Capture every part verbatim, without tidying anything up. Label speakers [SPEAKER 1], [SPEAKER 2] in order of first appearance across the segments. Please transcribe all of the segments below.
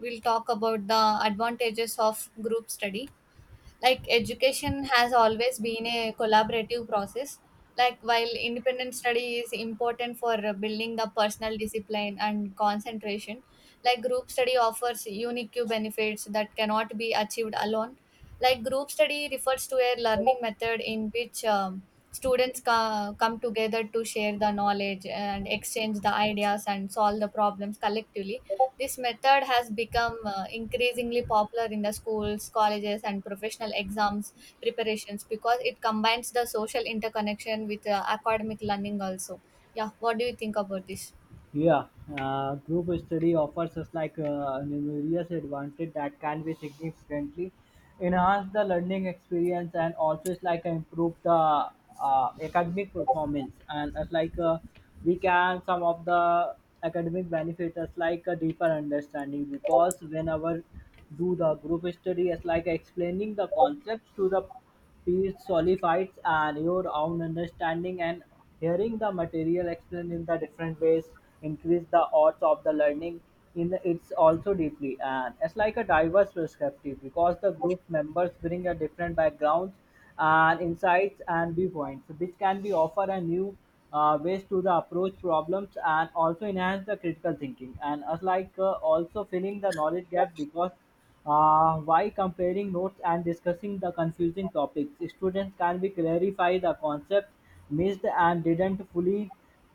[SPEAKER 1] We'll talk about the advantages of group study. Like, education has always been a collaborative process. Like, while independent study is important for uh, building the personal discipline and concentration, like group study offers unique benefits that cannot be achieved alone. Like, group study refers to a learning method in which um, students co- come together to share the knowledge and exchange the ideas and solve the problems collectively. This method has become uh, increasingly popular in the schools, colleges, and professional exams preparations because it combines the social interconnection with uh, academic learning also. Yeah, what do you think about this?
[SPEAKER 2] Yeah, uh, group study offers us like uh, numerous advantage that can be significantly enhance the learning experience, and also it's like improve the uh, academic performance. And it's like uh, we can some of the academic benefits is like a deeper understanding, because whenever do the group study it's like explaining the concepts to the piece solidifies and your own understanding, and hearing the material explained in the different ways increase the odds of the learning in the, it's also deeply. And it's like a diverse perspective because the group members bring a different backgrounds and insights and viewpoints which can be offer a new uh, ways to the approach problems and also enhance the critical thinking. And as like uh, also filling the knowledge gap, because uh, while comparing notes and discussing the confusing topics, students can be clarify the concepts missed and didn't fully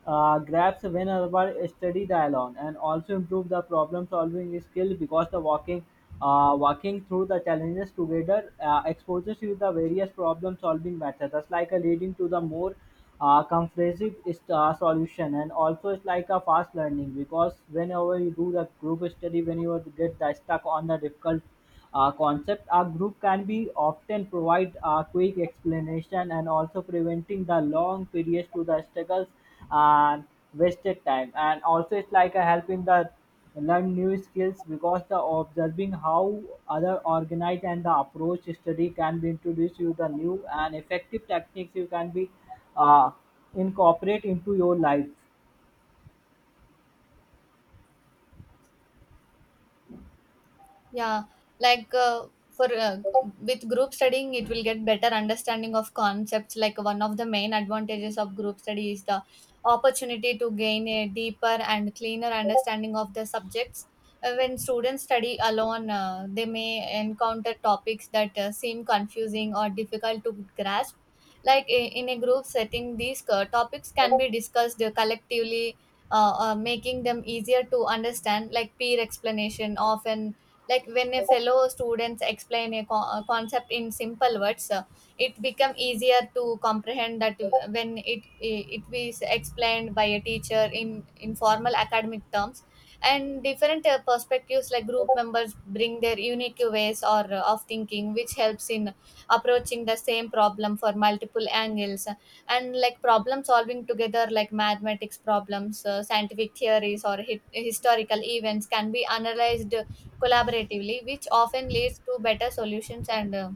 [SPEAKER 2] uh, grasp whenever study the alone. And also improve the problem solving skill because the walking uh, walking through the challenges together uh, exposes you the various problem solving methods, thus like uh, leading to the more uh, comprehensive is the solution. And also it's like a fast learning, because whenever you do the group study when you get the stuck on the difficult uh, concept, a group can be often provide a quick explanation and also preventing the long periods to the struggles and wasted time. And also it's like a helping the learn new skills, because the observing how other organize and the approach study can be introduced you the new and effective techniques you can be uh, incorporate into your life.
[SPEAKER 1] Yeah, like uh, for uh, with group studying, it will get better understanding of concepts. Like, one of the main advantages of group study is the opportunity to gain a deeper and cleaner understanding of the subjects. Uh, when students study alone, uh, they may encounter topics that uh, seem confusing or difficult to grasp. Like, i- in a group setting, these uh, topics can be discussed uh, collectively, uh, uh, making them easier to understand. Like, peer explanation often, like when a fellow students explain a, co- a concept in simple words, uh, it become easier to comprehend that when it it is explained by a teacher in in formal academic terms, and different uh, perspectives, like group members bring their unique ways or uh, of thinking, which helps in approaching the same problem for multiple angles. And like problem solving together, like mathematics problems, uh, scientific theories or hi- historical events can be analyzed collaboratively, which often leads to better solutions and uh,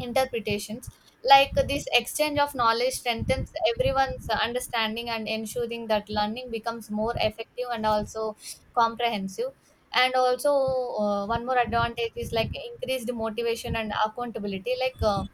[SPEAKER 1] interpretations. Like, this exchange of knowledge strengthens everyone's understanding and ensuring that learning becomes more effective and also comprehensive. And also, uh, one more advantage is like increased motivation and accountability. Like uh,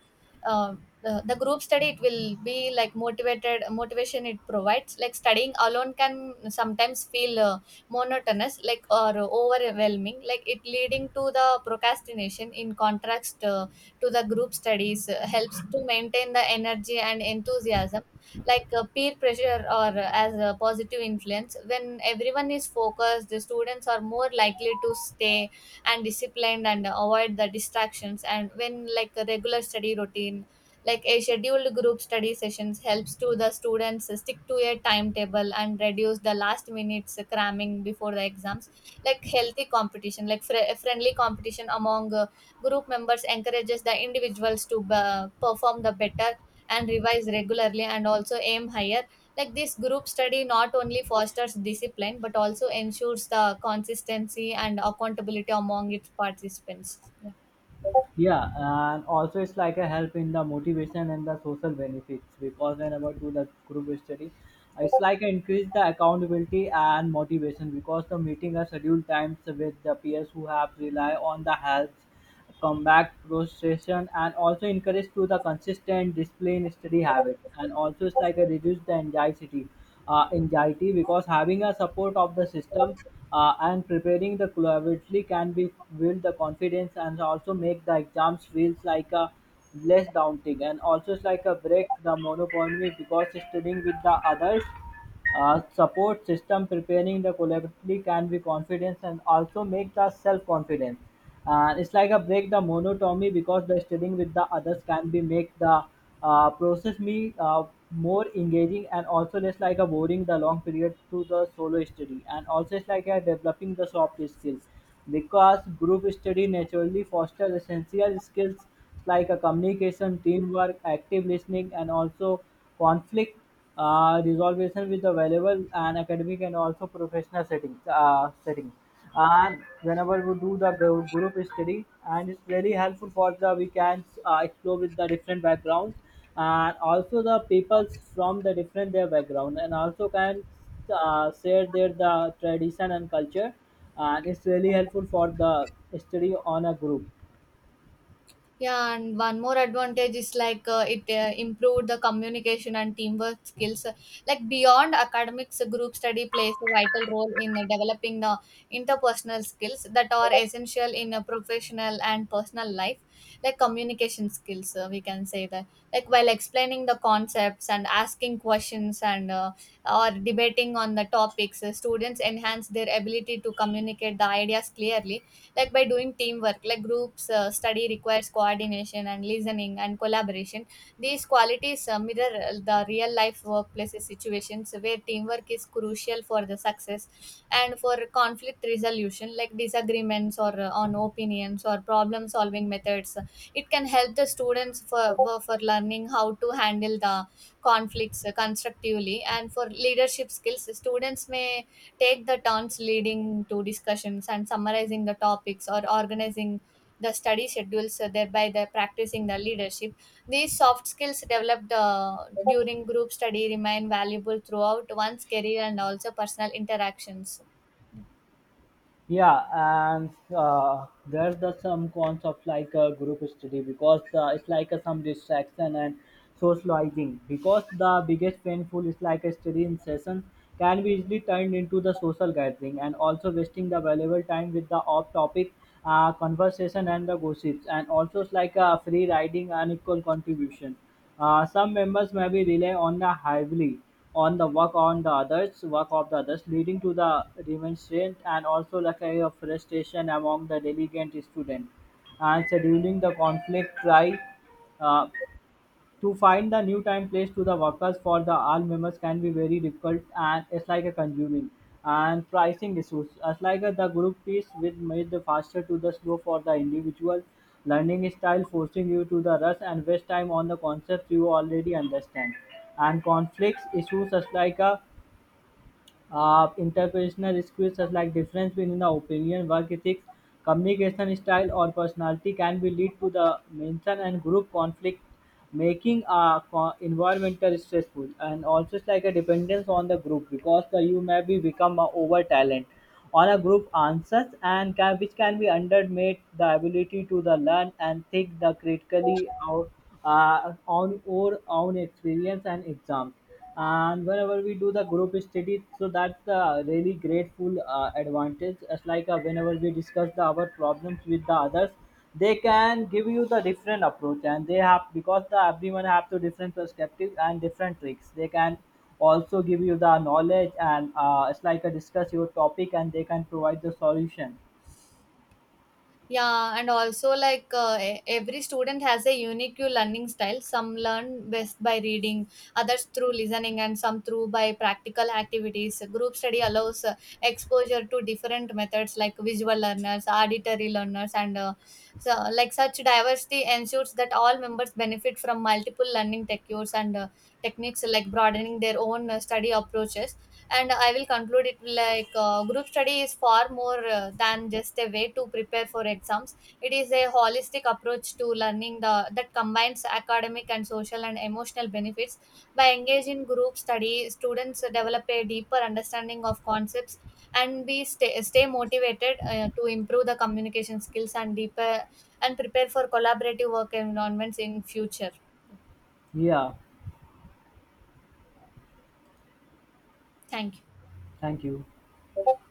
[SPEAKER 1] uh, the the group study, it will be like motivated motivation it provides. Like, studying alone can sometimes feel uh, monotonous, like, or overwhelming. Like, it leading to the procrastination. In contrast. Uh, to the group studies uh, helps to maintain the energy and enthusiasm, like uh, peer pressure or uh, as a positive influence. When everyone is focused, the students are more likely to stay and disciplined and avoid the distractions, and when like a regular study routine, like a scheduled group study sessions helps to the students stick to a timetable and reduce the last minutes cramming before the exams. Like, healthy competition, like fr- friendly competition among uh, group members encourages the individuals to uh, perform the better and revise regularly and also aim higher. Like, this group study not only fosters discipline but also ensures the consistency and accountability among its participants.
[SPEAKER 2] Yeah, and also it's like a help in the motivation and the social benefits, because whenever do the group study it's like a increase the accountability and motivation, because the meeting are scheduled times with the peers who have rely on the help comeback procession, and also encourage to the consistent discipline study habit. And also it's like a reduce the anxiety uh, anxiety because having a support of the system uh, and preparing the collaboratively can be build the confidence, and also make the exams feels like a less daunting. And also it's like a break the monotony because studying with the others uh, support system preparing the collectively can be confidence and also make the self confidence. And it's like a break the monotony because the studying with the others can be make the uh, process me uh, more engaging, and also less like a boring the long period to the solo study. And also it's like a developing the soft skill, because group study naturally foster essential skills like a communication, teamwork, active listening, and also conflict uh, resolution with the valuable and academic and also professional settings. Uh, settings. And whenever we do the gr- group study, and it's very helpful for the we can uh, explore with the different backgrounds, and also the peoples from the different their background, and also can uh, share their the tradition and culture, and it's really helpful for the study on a group.
[SPEAKER 1] Yeah, and one more advantage is like uh, it uh, improved the communication and teamwork skills. Like, beyond academics, group study plays a vital role in developing the interpersonal skills that are essential in a professional and personal life, like communication skills. Uh, we can say that, like while explaining the concepts and asking questions and uh, or debating on the topics, uh, students enhance their ability to communicate the ideas clearly, like by doing teamwork, like groups uh, study requires coordination and listening and collaboration. These qualities uh, mirror uh, the real life workplace situations where teamwork is crucial for the success, and for conflict resolution, like disagreements or uh, on opinions or problem solving methods, it can help the students for, for for learning how to handle the conflicts uh, constructively, and for leadership skills students may take the turns leading to discussions and summarizing the topics or organizing the study schedules, uh, thereby they're practicing the leadership. These soft skills developed uh, during group study remain valuable throughout one's career and also personal interactions.
[SPEAKER 2] Yeah, and uh, there's the some concept like a group study, because uh, it's like a some distraction and socializing, because the biggest painful is like a study in session can be easily turned into the social gathering, and also wasting the valuable time with the off-topic uh, conversation and the gossips. And also it's like a free riding and equal contribution. Uh, some members may be rely on the heavily on the work on the others work of the others, leading to the remonstrance and also like a frustration among the diligent student. And scheduling the conflict try uh, to find the new time place to the workers for the all members can be very difficult, and it's like a consuming and pricing issues. As like uh, the group piece with made the faster to the slow for the individual learning style, forcing you to the rush and waste time on the concepts you already understand. And conflicts issues as like a uh, interpersonal skills such like difference between the opinion, work ethics, communication style, or personality can be lead to the mention and group conflict, making a co- environmental stressful. And also, it's like a dependence on the group, because the you may be become a over talent on a group answers and can, which can be undermate the ability to the learn and think the critically out uh, on our own experience and exams. And whenever we do the group study, so that's a really grateful uh, advantage. As like uh, whenever we discuss the our problems with the others, they can give you the different approach, and they have because the everyone have to different perspectives and different tricks. They can also give you the knowledge, and uh, it's like a discuss your topic and they can provide the solution.
[SPEAKER 1] Yeah, and also like uh, e- every student has a unique learning style. Some learn best by reading, others through listening, and some through by practical activities. Group study allows uh, exposure to different methods, like visual learners, auditory learners, and uh, so like such diversity ensures that all members benefit from multiple learning techniques, and uh, techniques like broadening their own uh, study approaches. And I will conclude it like uh, group study is far more uh, than just a way to prepare for exams. It is a holistic approach to learning the that combines academic and social and emotional benefits. By engaging in group study, students develop a deeper understanding of concepts and we stay, stay motivated uh, to improve the communication skills and deeper and prepare for collaborative work environments in future.
[SPEAKER 2] Yeah,
[SPEAKER 1] Thank
[SPEAKER 2] thank you.
[SPEAKER 1] you.